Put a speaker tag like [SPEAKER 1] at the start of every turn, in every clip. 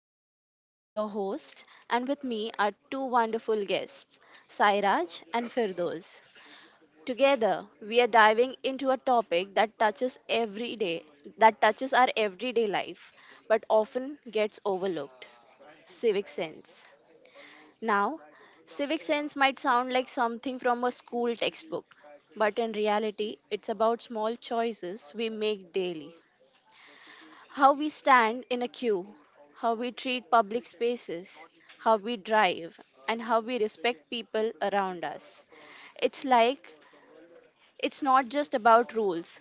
[SPEAKER 1] I'm Marilyn, your host, and with me are two wonderful guests, Sairaj and Firdoz. Together, we are diving into a topic that touches our everyday life, but often gets overlooked: civic sense. Now, civic sense might sound like something from a school textbook, but in reality, it's about small choices we make daily: how we stand in a queue, how we treat public spaces, how we drive, and how we respect people around us. It's like it's not just about rules,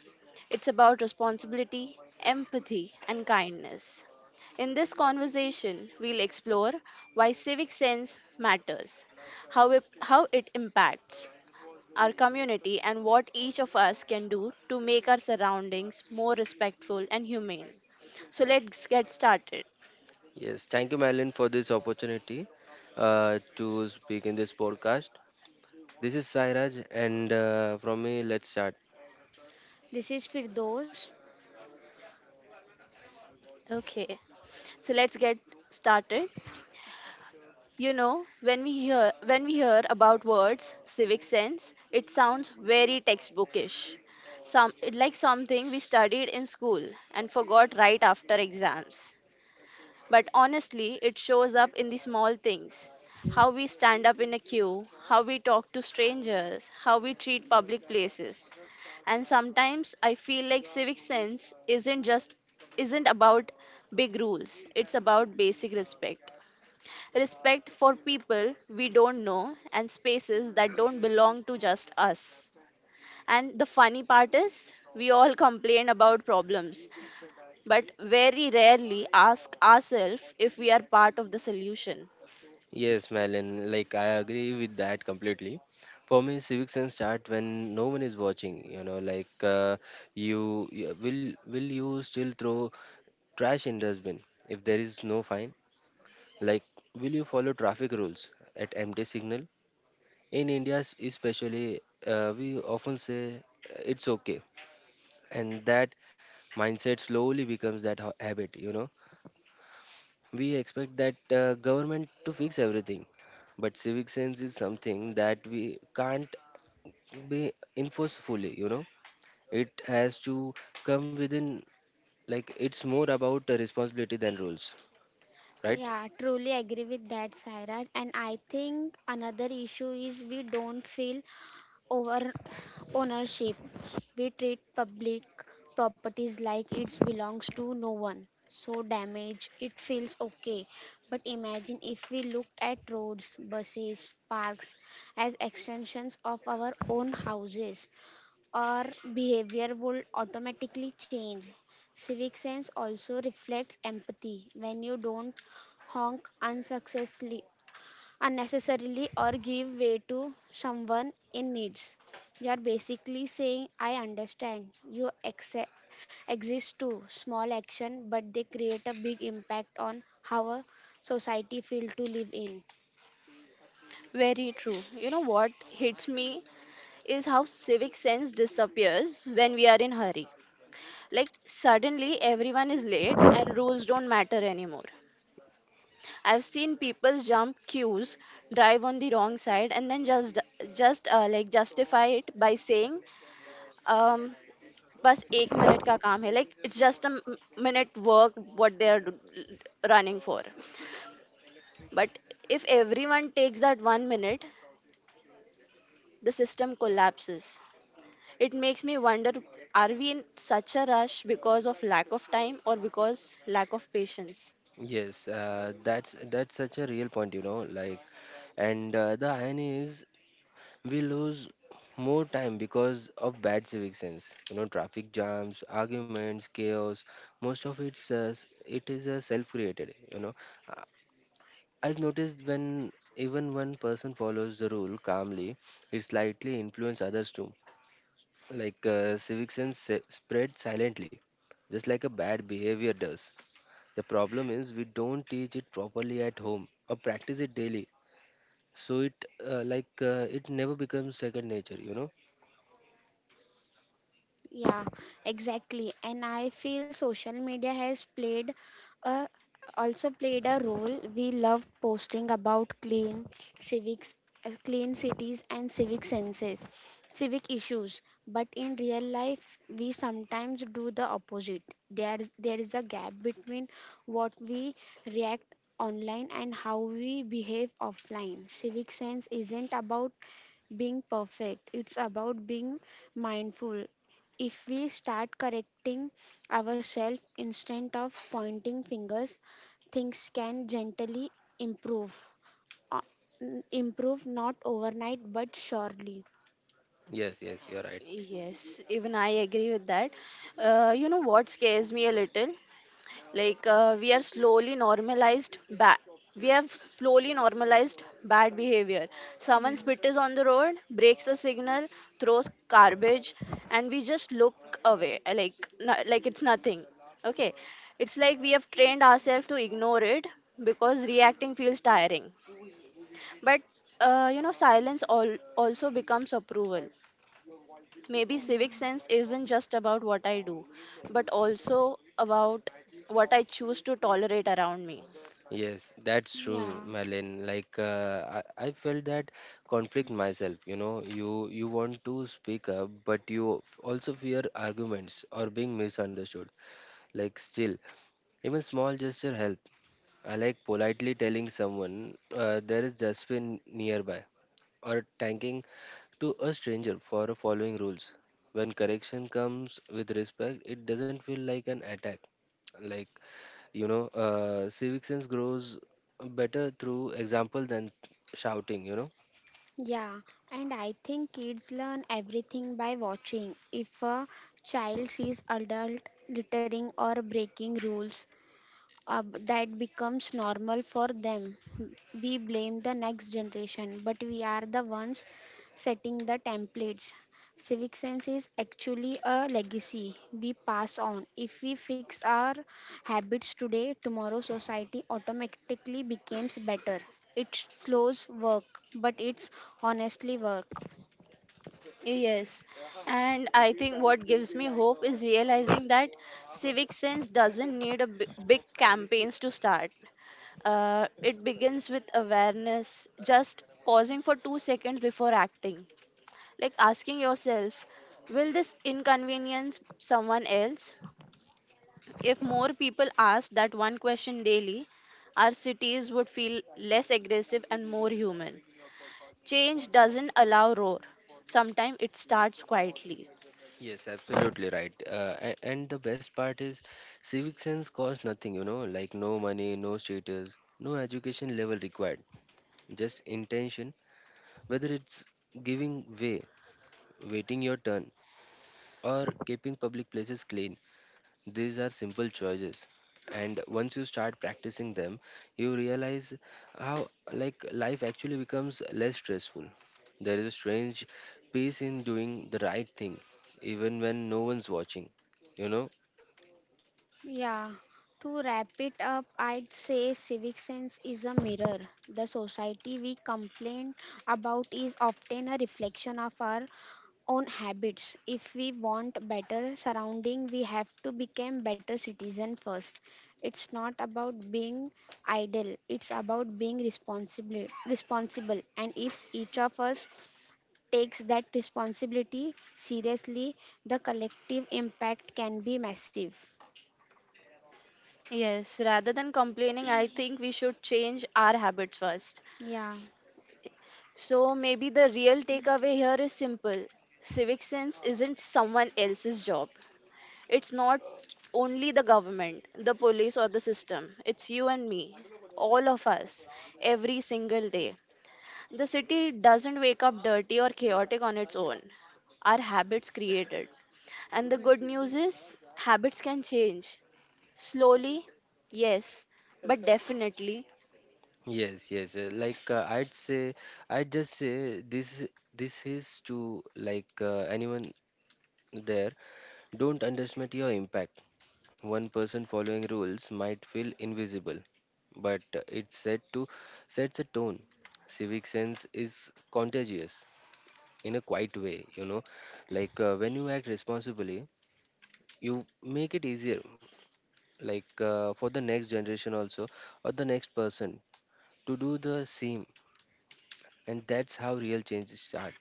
[SPEAKER 1] it's about responsibility, empathy, and kindness. In this conversation, we'll explore why civic sense matters, how it impacts our community, and what each of us can do to make our surroundings more respectful and humane. So let's get started.
[SPEAKER 2] Yes, thank you, Madeline, for this opportunity to speak in this podcast. This is Sairaj, and from me, let's start.
[SPEAKER 3] This is Firdos.
[SPEAKER 1] Okay, so let's get started. You know, when we hear about words civic sense, it sounds very textbookish. Some it like something we studied in school and forgot right after exams. But honestly, it shows up in the small things: how we stand up in a queue, how we talk to strangers, how we treat public places. And sometimes I feel like civic sense isn't about big rules. It's about basic respect. Respect for people we don't know and spaces that don't belong to just us. And the funny part is, we all complain about problems, but very rarely ask ourselves if we are part of the solution.
[SPEAKER 2] Yes, Madeline, like I agree with that completely. For me, civics sense start when no one is watching. You know, you, you will you still throw trash in dustbin if there is no fine? Like, will you follow traffic rules at empty signal? In India, especially, we often say it's okay, and that mindset slowly becomes that habit, you know. We expect that government to fix everything, but civic sense is something that we can't be enforced fully, you know. It has to come within. Like, it's more about responsibility than rules, right?
[SPEAKER 3] Yeah, truly agree with that, Sairaj. And I think another issue is we don't feel over ownership. We treat public properties like it belongs to no one. So damage, it feels okay. But imagine if we looked at roads, buses, parks as extensions of our own houses. Our behavior would automatically change. Civic sense also reflects empathy. When you don't honk unsuccessfully, unnecessarily or give way to someone in needs, you are basically saying, I understand. You accept, exist too. Small action, but they create a big impact on how a society feels to live in.
[SPEAKER 1] Very true. You know what hits me is how civic sense disappears when we are in hurry. Like suddenly everyone is late and rules don't matter anymore. I've seen people jump queues, drive on the wrong side, and then just like justify it by saying, um, "बस एक minute का काम है." Like it's just a minute work what they are running for. But if everyone takes that one minute, the system collapses. It makes me wonder, are we in such a rush because of lack of time or because lack of patience?
[SPEAKER 2] Yes that's such a real point, you know. Like, and the irony is we lose more time because of bad civic sense, you know, traffic jams, arguments, chaos. Most of it is self created, you know. Uh, I've noticed when even one person follows the rule calmly, it slightly influences others too. Civic sense spread silently, just like a bad behavior does. The problem is we don't teach it properly at home or practice it daily, so it never becomes second nature, you know.
[SPEAKER 3] Yeah, exactly. And I feel social media has played a also played a role. We love posting about civics, clean cities and civic issues. But in real life, we sometimes do the opposite. There is a gap between what we react online and how we behave offline. Civic sense isn't about being perfect, it's about being mindful. If we start correcting ourselves instead of pointing fingers, things can gently improve. Uh, improve not overnight but surely.
[SPEAKER 2] Yes, yes, you're right.
[SPEAKER 1] Yes, even I agree with that. You know what scares me a little? like uh, we are slowly normalized bad we have slowly normalized bad behavior. Someone
[SPEAKER 3] Yeah,
[SPEAKER 1] spits on the road, breaks a signal, throws garbage, and we just look away, like it's nothing, okay. It's like we have trained ourselves to ignore it because reacting feels tiring. But silence also becomes approval. Maybe
[SPEAKER 3] yeah,
[SPEAKER 1] civic sense isn't just about what I do, but also about what I choose to tolerate around me.
[SPEAKER 2] Yes, that's true,
[SPEAKER 3] yeah,
[SPEAKER 2] Melin. Like I felt that conflict myself. You know, you want to speak up, but you also fear arguments or being misunderstood. Like, still, even small gesture help. I like politely telling someone there is dustbin nearby, or thanking to a stranger for following rules. When correction comes with respect, it doesn't feel like an attack. Like, you know, civic sense grows better through example than shouting, you know.
[SPEAKER 3] yeah. And I think kids learn everything by watching. If a child sees adult littering or breaking rules, uh, that becomes normal for them. We blame the next generation, but we are the ones setting the templates. Civic sense is actually a legacy we pass on. If we fix our habits today, tomorrow society automatically becomes better. It's slows work, but it's honestly work.
[SPEAKER 1] Yes, and I think what gives me hope is realizing that civic sense doesn't need a big campaigns to start. It begins with awareness, just pausing for 2 seconds before acting, like asking yourself, will this inconvenience someone else? If more people asked that one question daily, our cities would feel less aggressive and more human. Change doesn't allow roar. Sometimes it starts quietly.
[SPEAKER 2] Yes, absolutely, right. And the best part is, civic sense costs nothing, you know, like no money, no status, no education level required, just intention, whether it's giving way, waiting your turn, or keeping public places clean. These are simple choices, and once you start practicing them, you realize how like life actually becomes less stressful. There is a strange peace in doing the right thing, even when no one's watching. You know?
[SPEAKER 3] Yeah, to wrap it up, I'd say civic sense is a mirror. The society we complain about is often a reflection of our own habits. If we want better surrounding, we have to become better citizen first. It's not about being idle, it's about being responsible. And if each of us takes that responsibility seriously, the collective impact can be massive.
[SPEAKER 1] Yes, rather than complaining, I think we should change our habits first.
[SPEAKER 3] Yeah.
[SPEAKER 1] So maybe the real takeaway here is simple. Civic sense isn't someone else's job. It's not only the government, the police, or the system. It's you and me, all of us, every single day. The city doesn't wake up dirty or chaotic on its own. Our habits create it. And the good news is, habits can change. Slowly, yes, but definitely.
[SPEAKER 2] Yes, yes. Like I'd say, I'd just say this. This is to like anyone there. Don't underestimate your impact. One person following rules might feel invisible, but it's said to sets a tone. Civic sense is contagious in a quiet way, you know. Like when you act responsibly, you make it easier, like for the next generation also, or the next person to do the same. And that's how real changes start.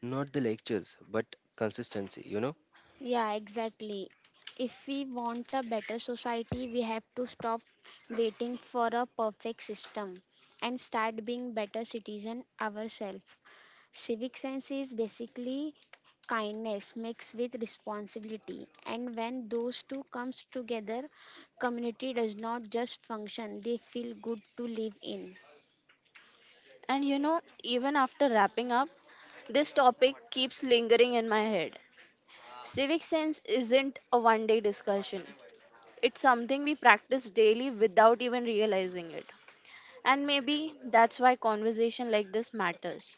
[SPEAKER 2] Not the lectures, but consistency, you know.
[SPEAKER 3] Yeah, exactly. If we want a better society, we have to stop waiting for a perfect system and start being better citizen ourselves. Civic sense is basically kindness mixed with responsibility, and when those two comes together, community does not just function, they feel good to live in.
[SPEAKER 1] And you know, even after wrapping up, this topic keeps lingering in my head. Civic sense isn't a one day discussion, it's something we practice daily without even realizing it. And maybe that's why conversation like this matters,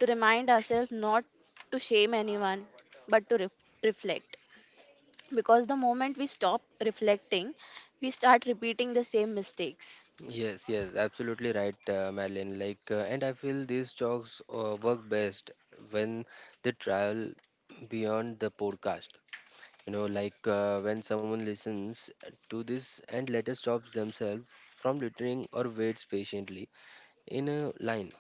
[SPEAKER 1] to remind ourselves not to shame anyone, but to reflect. Because the moment we stop reflecting, we start repeating the same mistakes.
[SPEAKER 2] Yes, yes, absolutely right, Madeline. Like, and I feel these talks work best when they travel beyond the podcast. You know, like when someone listens to this and later stops themselves from littering or waits patiently in a line.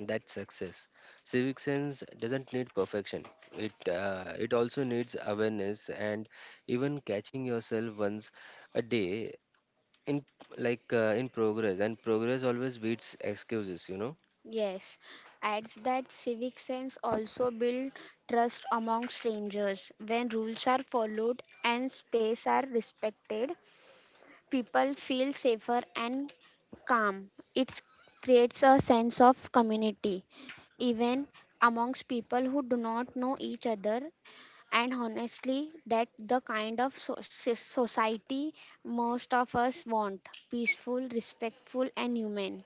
[SPEAKER 2] That's success. Civic sense doesn't need perfection. It also needs awareness, and even catching yourself once a day in, like in progress. And progress always beats excuses, you know.
[SPEAKER 3] Yes, adds that civic sense also build trust among strangers. When rules are followed and space are respected, people feel safer and calm. It creates a sense of community, even amongst people who do not know each other. And honestly, that the kind of so, society most of us want peaceful, respectful, and human.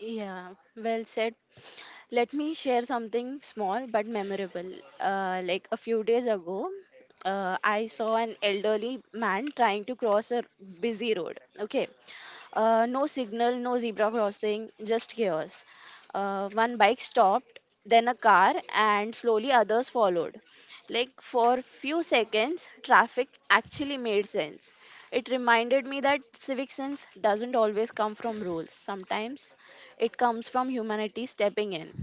[SPEAKER 1] Yeah, well said. Let me share something small but memorable. Like a few days ago, I saw an elderly man trying to cross a busy road. Okay, no signal, no zebra crossing, just chaos. One bike stopped, then a car, and slowly others followed. Like for few seconds, traffic actually made sense. It reminded me that civic sense doesn't always come from rules. Sometimes it comes from humanity stepping in.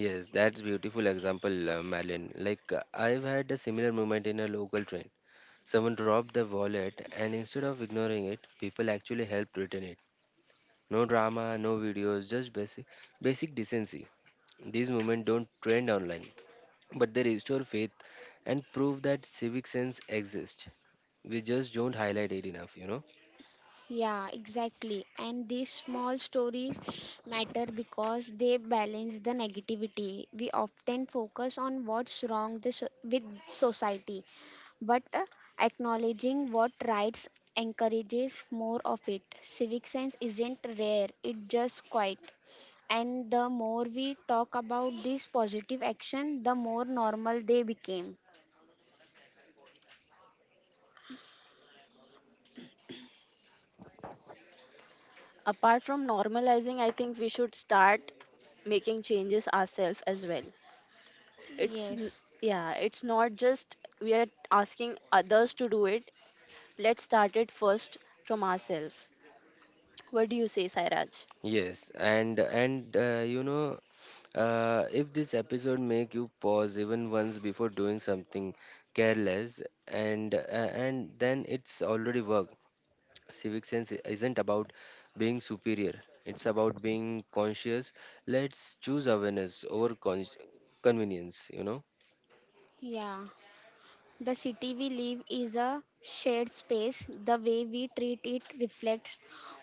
[SPEAKER 2] Yes, that's beautiful example, Malin. Like I've had a similar moment in a local train. Someone dropped their wallet, and instead of ignoring it, people actually helped return it. No drama, no videos, just basic decency. These movements don't trend online, but they restore faith and prove that civic sense exists. We just don't highlight it enough, you know.
[SPEAKER 3] Yeah, exactly. And these small stories matter because they balance the negativity. We often focus on what's wrong this, with society, but acknowledging what rights encourages more of it. Civic sense isn't rare, it's just quiet. And the more we talk about this positive action, the more normal they became.
[SPEAKER 1] Apart from normalizing, I think we should start making changes ourselves as well. It's n-
[SPEAKER 3] Yes,
[SPEAKER 1] yeah, it's not just we are asking others to do it. Let's start it first from ourselves. What do you say, Sairaj?
[SPEAKER 2] Yes, and you know, if this episode make you pause even once before doing something careless, and uh, and then it's already work. Civic sense isn't about being superior; it's about being conscious. Let's choose awareness over convenience. You know.
[SPEAKER 3] yeah. The city we live is a shared space. The way we treat it reflects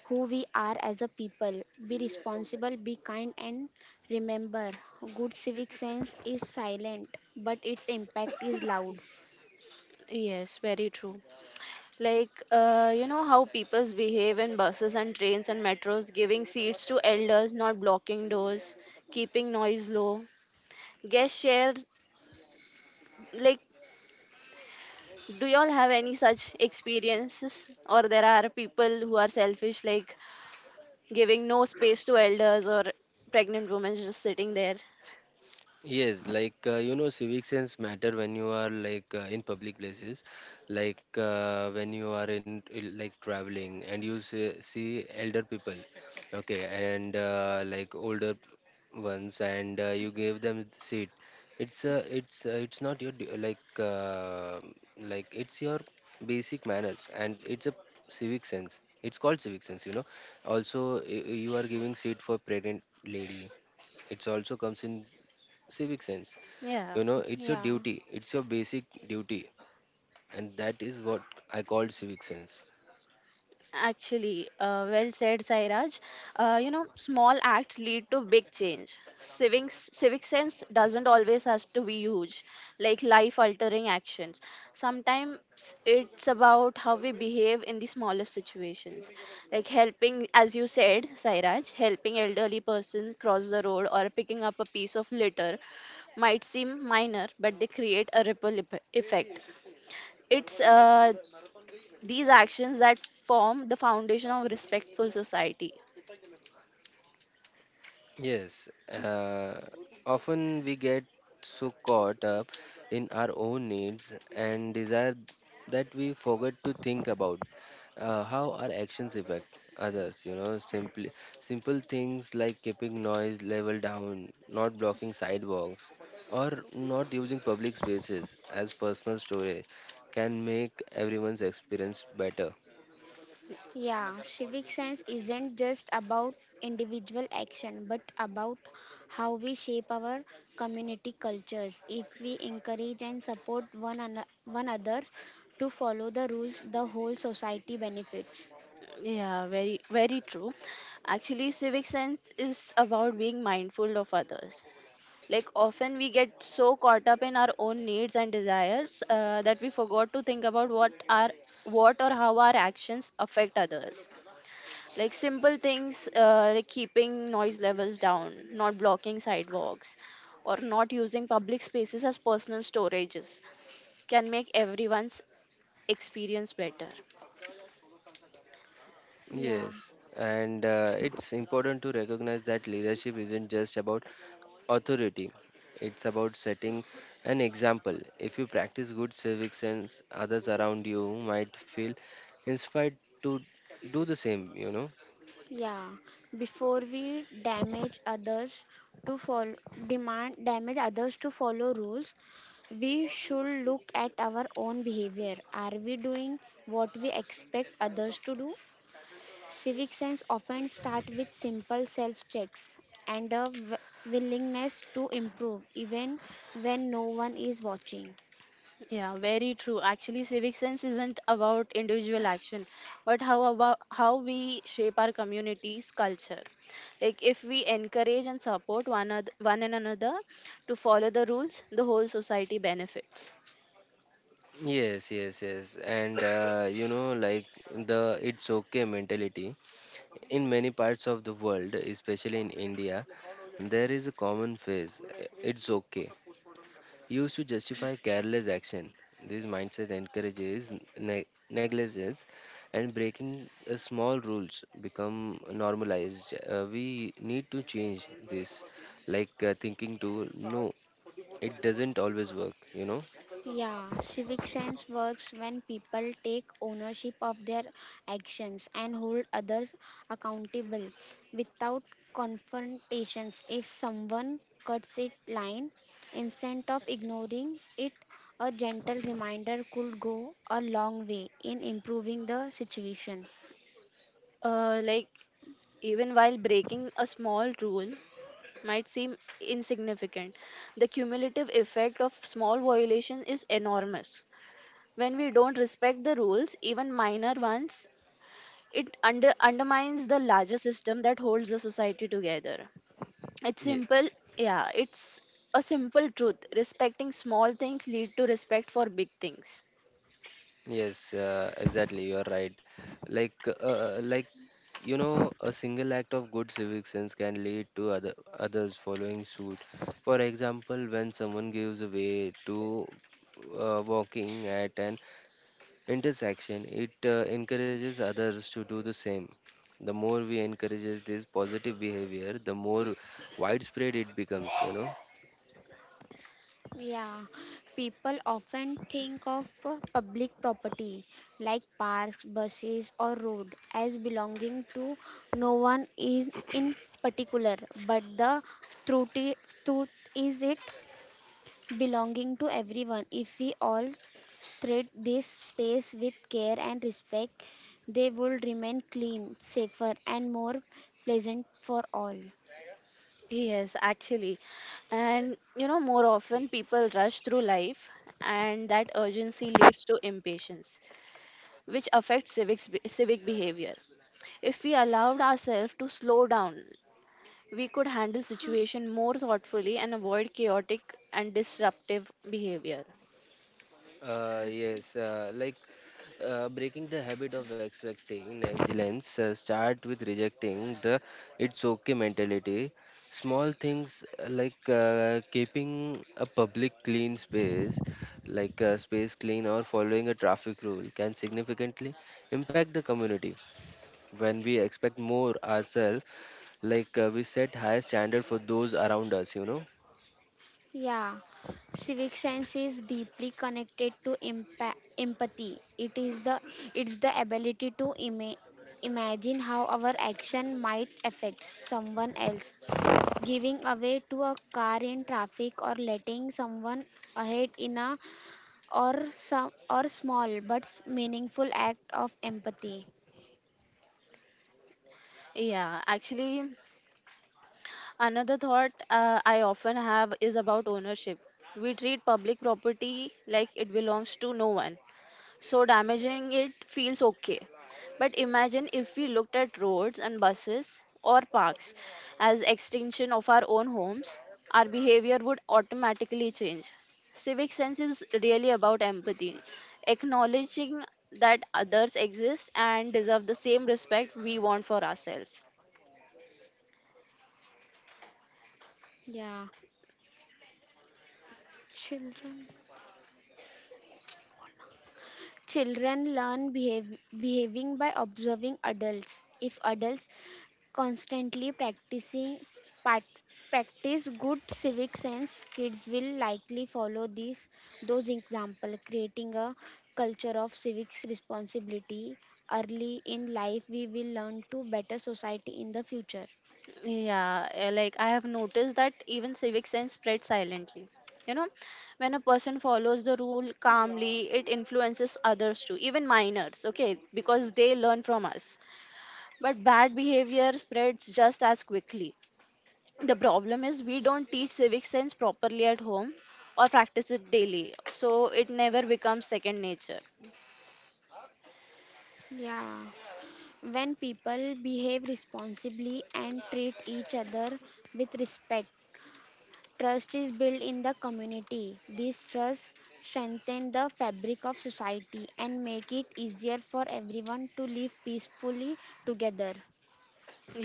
[SPEAKER 3] who we are as a people. Be responsible, be kind, and remember good civic sense is silent, but its impact is loud.
[SPEAKER 1] Yes, very true. Like, you know how people behave in buses and trains and metros, giving seats to elders, not blocking doors, keeping noise low. Guest share, like, do y'all have any such experiences? Or there are people who are selfish, like giving no space to elders or pregnant women just sitting there?
[SPEAKER 2] Yes, like you know, civic sense matter when you are like in public places, like when you are in, like traveling, and you see, see elder people, okay, and like older ones, and you give them the seat. It's not your like it's your basic manners, and it's a civic sense. It's called civic sense, you know. Also, you are giving seat for pregnant lady, it's also comes in civic sense,
[SPEAKER 1] Yeah.
[SPEAKER 2] you know. It's your
[SPEAKER 3] Yeah.
[SPEAKER 2] duty, it's your basic duty, and that is what I called civic sense.
[SPEAKER 1] Actually, well said, Sairaj. You know, small acts lead to big change. Civic sense doesn't always has to be huge, like life-altering actions. Sometimes it's about how we behave in the smallest situations, like helping, as you said, Sairaj, helping elderly person cross the road or picking up a piece of litter might seem minor, but they create a ripple effect. It's these actions that form the foundation of respectful society.
[SPEAKER 2] Yes, often we get so caught up in our own needs and desire that we forget to think about how our actions affect others. You know, simply simple things like keeping noise level down, not blocking sidewalks, or not using public spaces as personal storage can make everyone's experience better.
[SPEAKER 3] Yeah, civic science isn't just about individual action but about how we shape our community cultures. If we encourage and support one another to follow the rules, the whole society benefits.
[SPEAKER 1] Yeah, very, very true. Actually, civic sense is about being mindful of others. Like, often we get so caught up in our own needs and desires that we forgot to think about what or how our actions affect others, like simple things like keeping noise levels down, not blocking sidewalks, or not using public spaces as personal storages can make everyone's experience better.
[SPEAKER 3] Yeah,
[SPEAKER 2] Yes, and it's important to recognize that leadership isn't just about authority. It's about setting an example. If you practice good civic sense, others around you might feel inspired to do the same, you know.
[SPEAKER 3] yeah. Before we to follow, damage others to follow rules, we should look at our own behavior. Are we doing what we expect others to do? Civic sense often start with simple self checks and willingness to improve even when no one is watching.
[SPEAKER 1] Yeah, very true. Actually, civic sense isn't about individual action, but how about how we shape our community's culture. Like if we encourage and support one another, one and another to follow the rules, the whole society benefits.
[SPEAKER 2] Yes, yes, yes. And you know, like the it's okay mentality. In many parts of the world, especially in India, there is a common phrase, "It's okay," used to justify careless action. This mindset encourages negligence, and breaking small rules become normalized. We need to change this, like thinking to no, it doesn't always work, you know.
[SPEAKER 3] Yeah, civic sense works when people take ownership of their actions and hold others accountable without confrontations. If someone cuts it line, instead of ignoring it, a gentle reminder could go a long way in improving the situation.
[SPEAKER 1] Like even while breaking a small rule might seem insignificant, the cumulative effect of small violation is enormous. When we don't respect the rules, even minor ones, it undermines the larger system that holds the society together. It's simple. Yeah, it's a simple truth: respecting small things lead to respect for big things.
[SPEAKER 2] Yes, exactly. You are right. Like, uh, uh, like you know, a single act of good civic sense can lead to others following suit. For example, when someone gives way to walking at an intersection, it encourages others to do the same. The more we encourages this positive behavior, the more widespread it becomes. You know.
[SPEAKER 3] Yeah, people often think of public property like parks, buses, or road as belonging to no one is in particular, but truth, i- truth is it belonging to everyone. If we all treat this space with care and respect, they will remain clean, safer, and more pleasant for all.
[SPEAKER 1] Yes, actually, and you know, more often people rush through life, and that urgency leads to impatience, which affects civic behavior. If we allowed ourselves to slow down, we could handle situation more thoughtfully and avoid chaotic and disruptive behavior.
[SPEAKER 2] Uh, yes, uh, like Breaking the habit of expecting excellence start with rejecting the it's okay mentality. Small things keeping a public clean space, like space clean, or following a traffic rule, can significantly impact the community. When we expect more ourselves, like we set higher standard for those around us, you know.
[SPEAKER 3] Yeah, civic sense is deeply connected to empathy. It's the ability to imagine how our action might affect someone else. Giving away to a car in traffic or letting someone ahead in a or some or small but meaningful act of empathy.
[SPEAKER 1] Yeah, actually, another thought I often have is about ownership. We treat public property like it belongs to no one, so damaging it feels okay. But imagine if we looked at roads and buses or parks as extension of our own homes, our behavior would automatically change. Civic sense is really about empathy, acknowledging that others exist and deserve the same respect we want for ourselves.
[SPEAKER 3] Yeah, children. Children learn behaving by observing adults. If adults constantly practicing pat, practice good civic sense, kids will likely follow these those example, creating a culture of civics responsibility early in life. We will learn to better society in the future.
[SPEAKER 1] Yeah, eh, like I have noticed that even civic sense spreads silently. You know, when a person follows the rule calmly, it influences others too, even minors, okay, because they learn from us. But bad behavior spreads just as quickly. The problem is we don't teach civic sense properly at home or practice it daily, so it never becomes second nature.
[SPEAKER 3] Yeah, when people behave responsibly and treat each other with respect, trust is built in the community. This trust strengthens the fabric of society and make it easier for everyone to live peacefully together.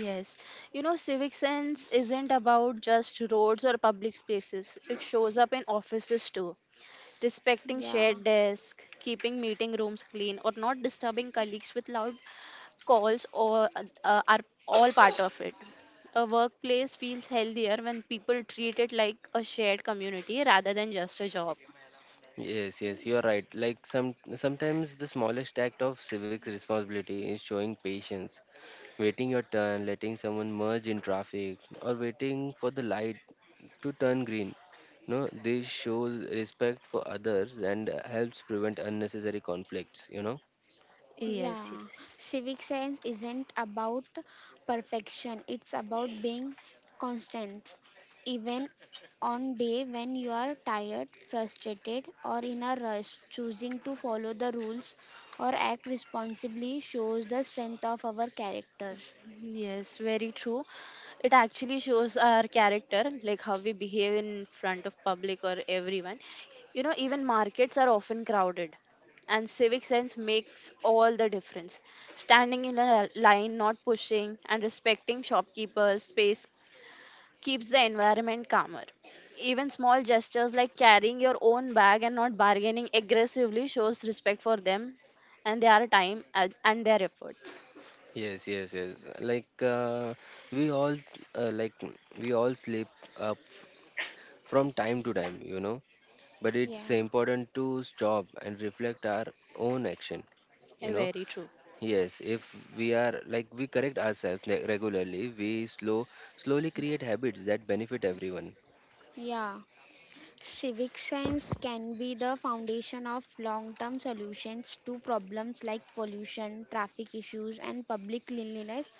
[SPEAKER 1] Yes, you know, civic sense isn't about just roads or public spaces, it shows up in offices too, respecting
[SPEAKER 3] Yeah,
[SPEAKER 1] shared desks, keeping meeting rooms clean, or not disturbing colleagues with loud calls or are all part of it. A workplace feels healthier when people treat it like a shared community rather than just a job.
[SPEAKER 2] Yes, yes, you're right. Like, sometimes the smallest act of civic responsibility is showing patience, waiting your turn, letting someone merge in traffic, or waiting for the light to turn green. No, this shows respect for others, and helps prevent unnecessary conflicts, you know.
[SPEAKER 1] Yes,
[SPEAKER 3] yeah.
[SPEAKER 1] yes.
[SPEAKER 3] Civic science isn't about perfection, it's about being constant. Even on day when you are tired, frustrated, or in a rush, choosing to follow the rules or act responsibly shows the strength of our characters.
[SPEAKER 1] Yes, very true. It actually shows our character, like how we behave in front of public or everyone. You know, even markets are often crowded, and civic sense makes all the difference. Standing in a line, not pushing, and respecting shopkeepers' space keeps the environment calmer. Even small gestures like carrying your own bag and not bargaining aggressively shows respect for them and their time and their efforts.
[SPEAKER 2] Yes, yes, yes. Like we all uh, like we all slip up from time to time, you know. But it's
[SPEAKER 3] Yeah.
[SPEAKER 2] important to stop and reflect our own action, you
[SPEAKER 1] Eh,
[SPEAKER 2] know.
[SPEAKER 1] very true.
[SPEAKER 2] Yes, if we are, like, we correct ourselves regularly, we slowly create habits that benefit everyone.
[SPEAKER 3] Yeah, civic science can be the foundation of long term solutions to problems like pollution, traffic issues, and public cleanliness.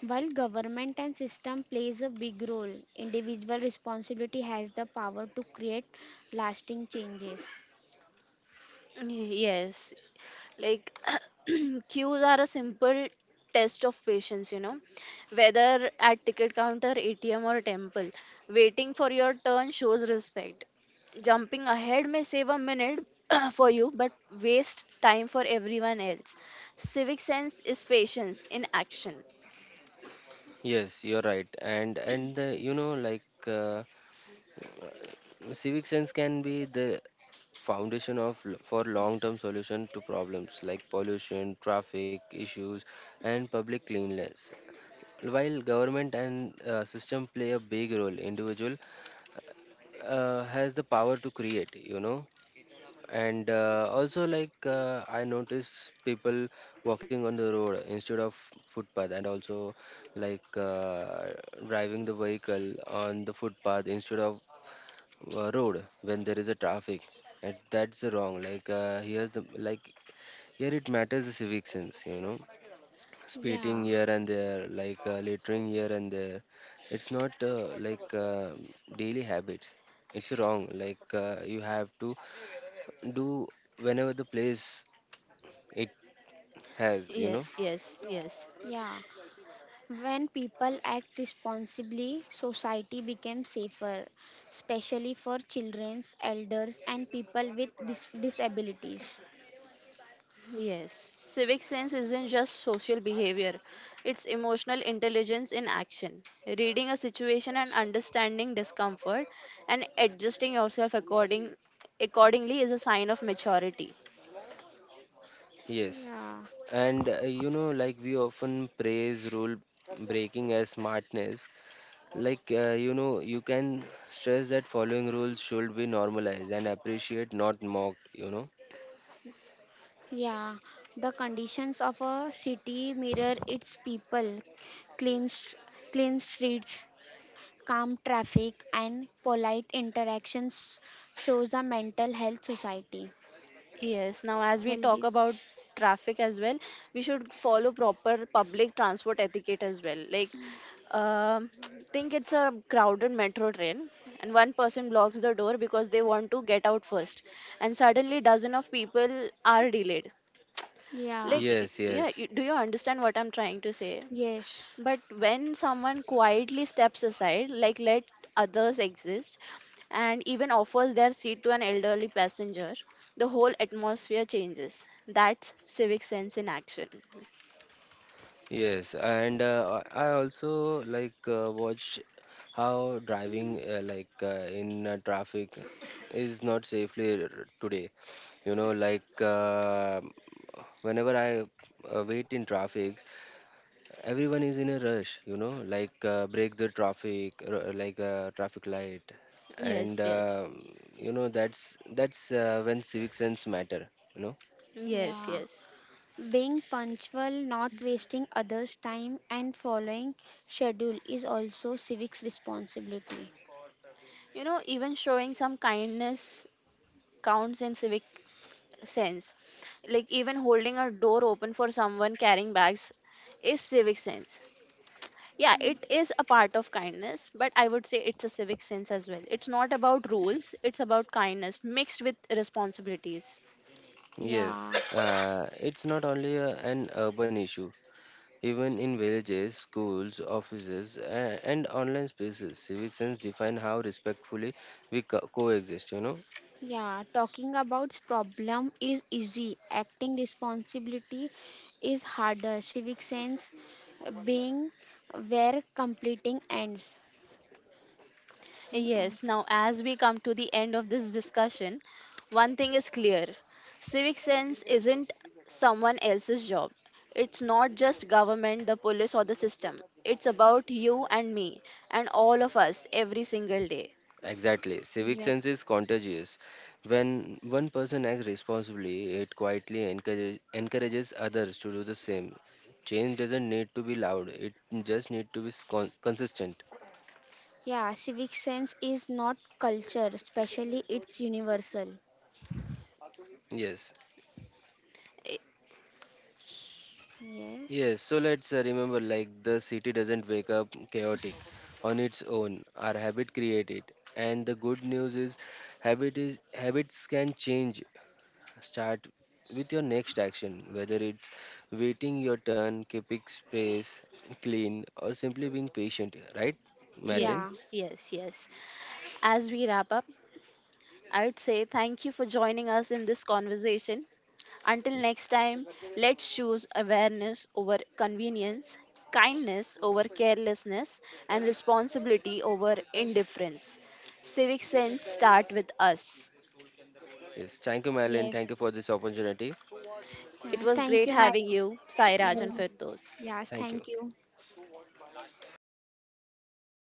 [SPEAKER 3] While government and system plays a big role, individual responsibility has the power to create lasting changes.
[SPEAKER 1] Yes, like queues are a simple test of patience, you know, whether at ticket counter, ATM, or temple. Waiting for your turn shows respect. Jumping ahead may save a minute for you, but waste time for everyone else. Civic sense is patience in action.
[SPEAKER 2] Yes, you're right. And you know, like civic sense can be the foundation of for long term solution to problems like pollution, traffic issues, and public cleanliness. While government and system play a big role, individual has the power to create, you know. And also, like I notice people walking on the road instead of footpath, and also like driving the vehicle on the footpath instead of road when there is a traffic. And that's wrong. Like here it matters the civic sense, you know. Spitting
[SPEAKER 3] Yeah,
[SPEAKER 2] here and there, like littering here and there. It's not like Daily habits. It's wrong. Like you have to do whenever the place it has, you know.
[SPEAKER 1] Yes, yes, yes.
[SPEAKER 3] yeah. When people act responsibly, society becomes safer, especially for children, elders, and people with disabilities.
[SPEAKER 1] Yes, civic sense isn't just social behavior, it's emotional intelligence in action. Reading a situation and understanding discomfort and adjusting yourself accordingly is a sign of maturity.
[SPEAKER 2] Yes.
[SPEAKER 3] Yeah.
[SPEAKER 2] And you know, like we often praise rule breaking as smartness. Like you know, you can stress that following rules should be normalized and appreciate, not mocked, you know.
[SPEAKER 3] Yeah, the conditions of a city mirror its people. Clean, st- clean streets, calm traffic, and polite interactions shows a mental health society.
[SPEAKER 1] Yes, now as we talk
[SPEAKER 3] Healthy.
[SPEAKER 1] about traffic as well, we should follow proper public transport etiquette as well. Like, um think it's a crowded metro train, and one person blocks the door because they want to get out first, and suddenly dozen of people are delayed.
[SPEAKER 3] Yeah.
[SPEAKER 1] Like,
[SPEAKER 2] Yes,
[SPEAKER 1] yeah,
[SPEAKER 2] yes.
[SPEAKER 1] do you understand what I'm trying to say?
[SPEAKER 3] Yes.
[SPEAKER 1] But when someone quietly steps aside, like let others exist, and even offers their seat to an elderly passenger, the whole atmosphere changes. That's civic sense in action.
[SPEAKER 2] Yes, and I also like watch how driving in traffic is not safely today. You know, like whenever I wait in traffic, everyone is in a rush. You know, like break the traffic, like traffic light, and
[SPEAKER 1] Yes, yes,
[SPEAKER 2] you know, that's when civic sense matter. You know.
[SPEAKER 1] yes,
[SPEAKER 3] Yeah.
[SPEAKER 1] yes.
[SPEAKER 3] Being punctual, not wasting others' time, and following schedule is also civics responsibility.
[SPEAKER 1] You know, even showing some kindness counts in civic sense. Like even holding a door open for someone carrying bags is civic sense. Yeah, it is a part of kindness, but I would say it's a civic sense as well. It's not about rules, it's about kindness mixed with responsibilities.
[SPEAKER 3] Yeah.
[SPEAKER 2] Yes, it's not only a, an urban issue. Even in villages, schools, offices, and online spaces, civic sense define how respectfully we coexist. You know,
[SPEAKER 3] Yeah, talking about problem is easy. Acting responsibility is harder. Civic sense being where completing ends.
[SPEAKER 1] Yes,
[SPEAKER 3] Ends.
[SPEAKER 1] now as we come to the end of this discussion, one thing is clear: civic sense isn't someone else's job. It's not just government, the police, or the system. It's about you and me, and all of us, every single day.
[SPEAKER 2] exactly. Civic
[SPEAKER 3] Exact.
[SPEAKER 2] sense is contagious. When one person acts responsibly, it quietly encourages others to do the same. Change doesn't need to be loud. It just need to be consistent.
[SPEAKER 3] Yeah, civic sense is not culture, especially it's universal.
[SPEAKER 2] Yes.
[SPEAKER 1] Eh,
[SPEAKER 3] Yes.
[SPEAKER 2] Yes, so let's remember, like the city doesn't wake up chaotic on its own. Our habit create it. And the good news is habits can change. Start with your next action, whether it's waiting your turn, keeping space clean, or simply being patient, right, Madeline?
[SPEAKER 3] Yeah.
[SPEAKER 1] yes, yes, yes, as we wrap up, I would say thank you for joining us in this conversation. Until
[SPEAKER 2] Ye-
[SPEAKER 1] next time, let's choose awareness over convenience, kindness over carelessness, and responsibility over indifference. Civic sense start with us.
[SPEAKER 2] Yes. Thank you, Madeline.
[SPEAKER 3] Yes.
[SPEAKER 2] Thank you for this opportunity.
[SPEAKER 1] It
[SPEAKER 3] Yeah,
[SPEAKER 1] was
[SPEAKER 3] thank
[SPEAKER 1] great
[SPEAKER 3] you, Mary.
[SPEAKER 1] having you, Sairaj and
[SPEAKER 3] Mary.
[SPEAKER 1] Firdos.
[SPEAKER 3] Yes,
[SPEAKER 2] Thank you.
[SPEAKER 3] thank you.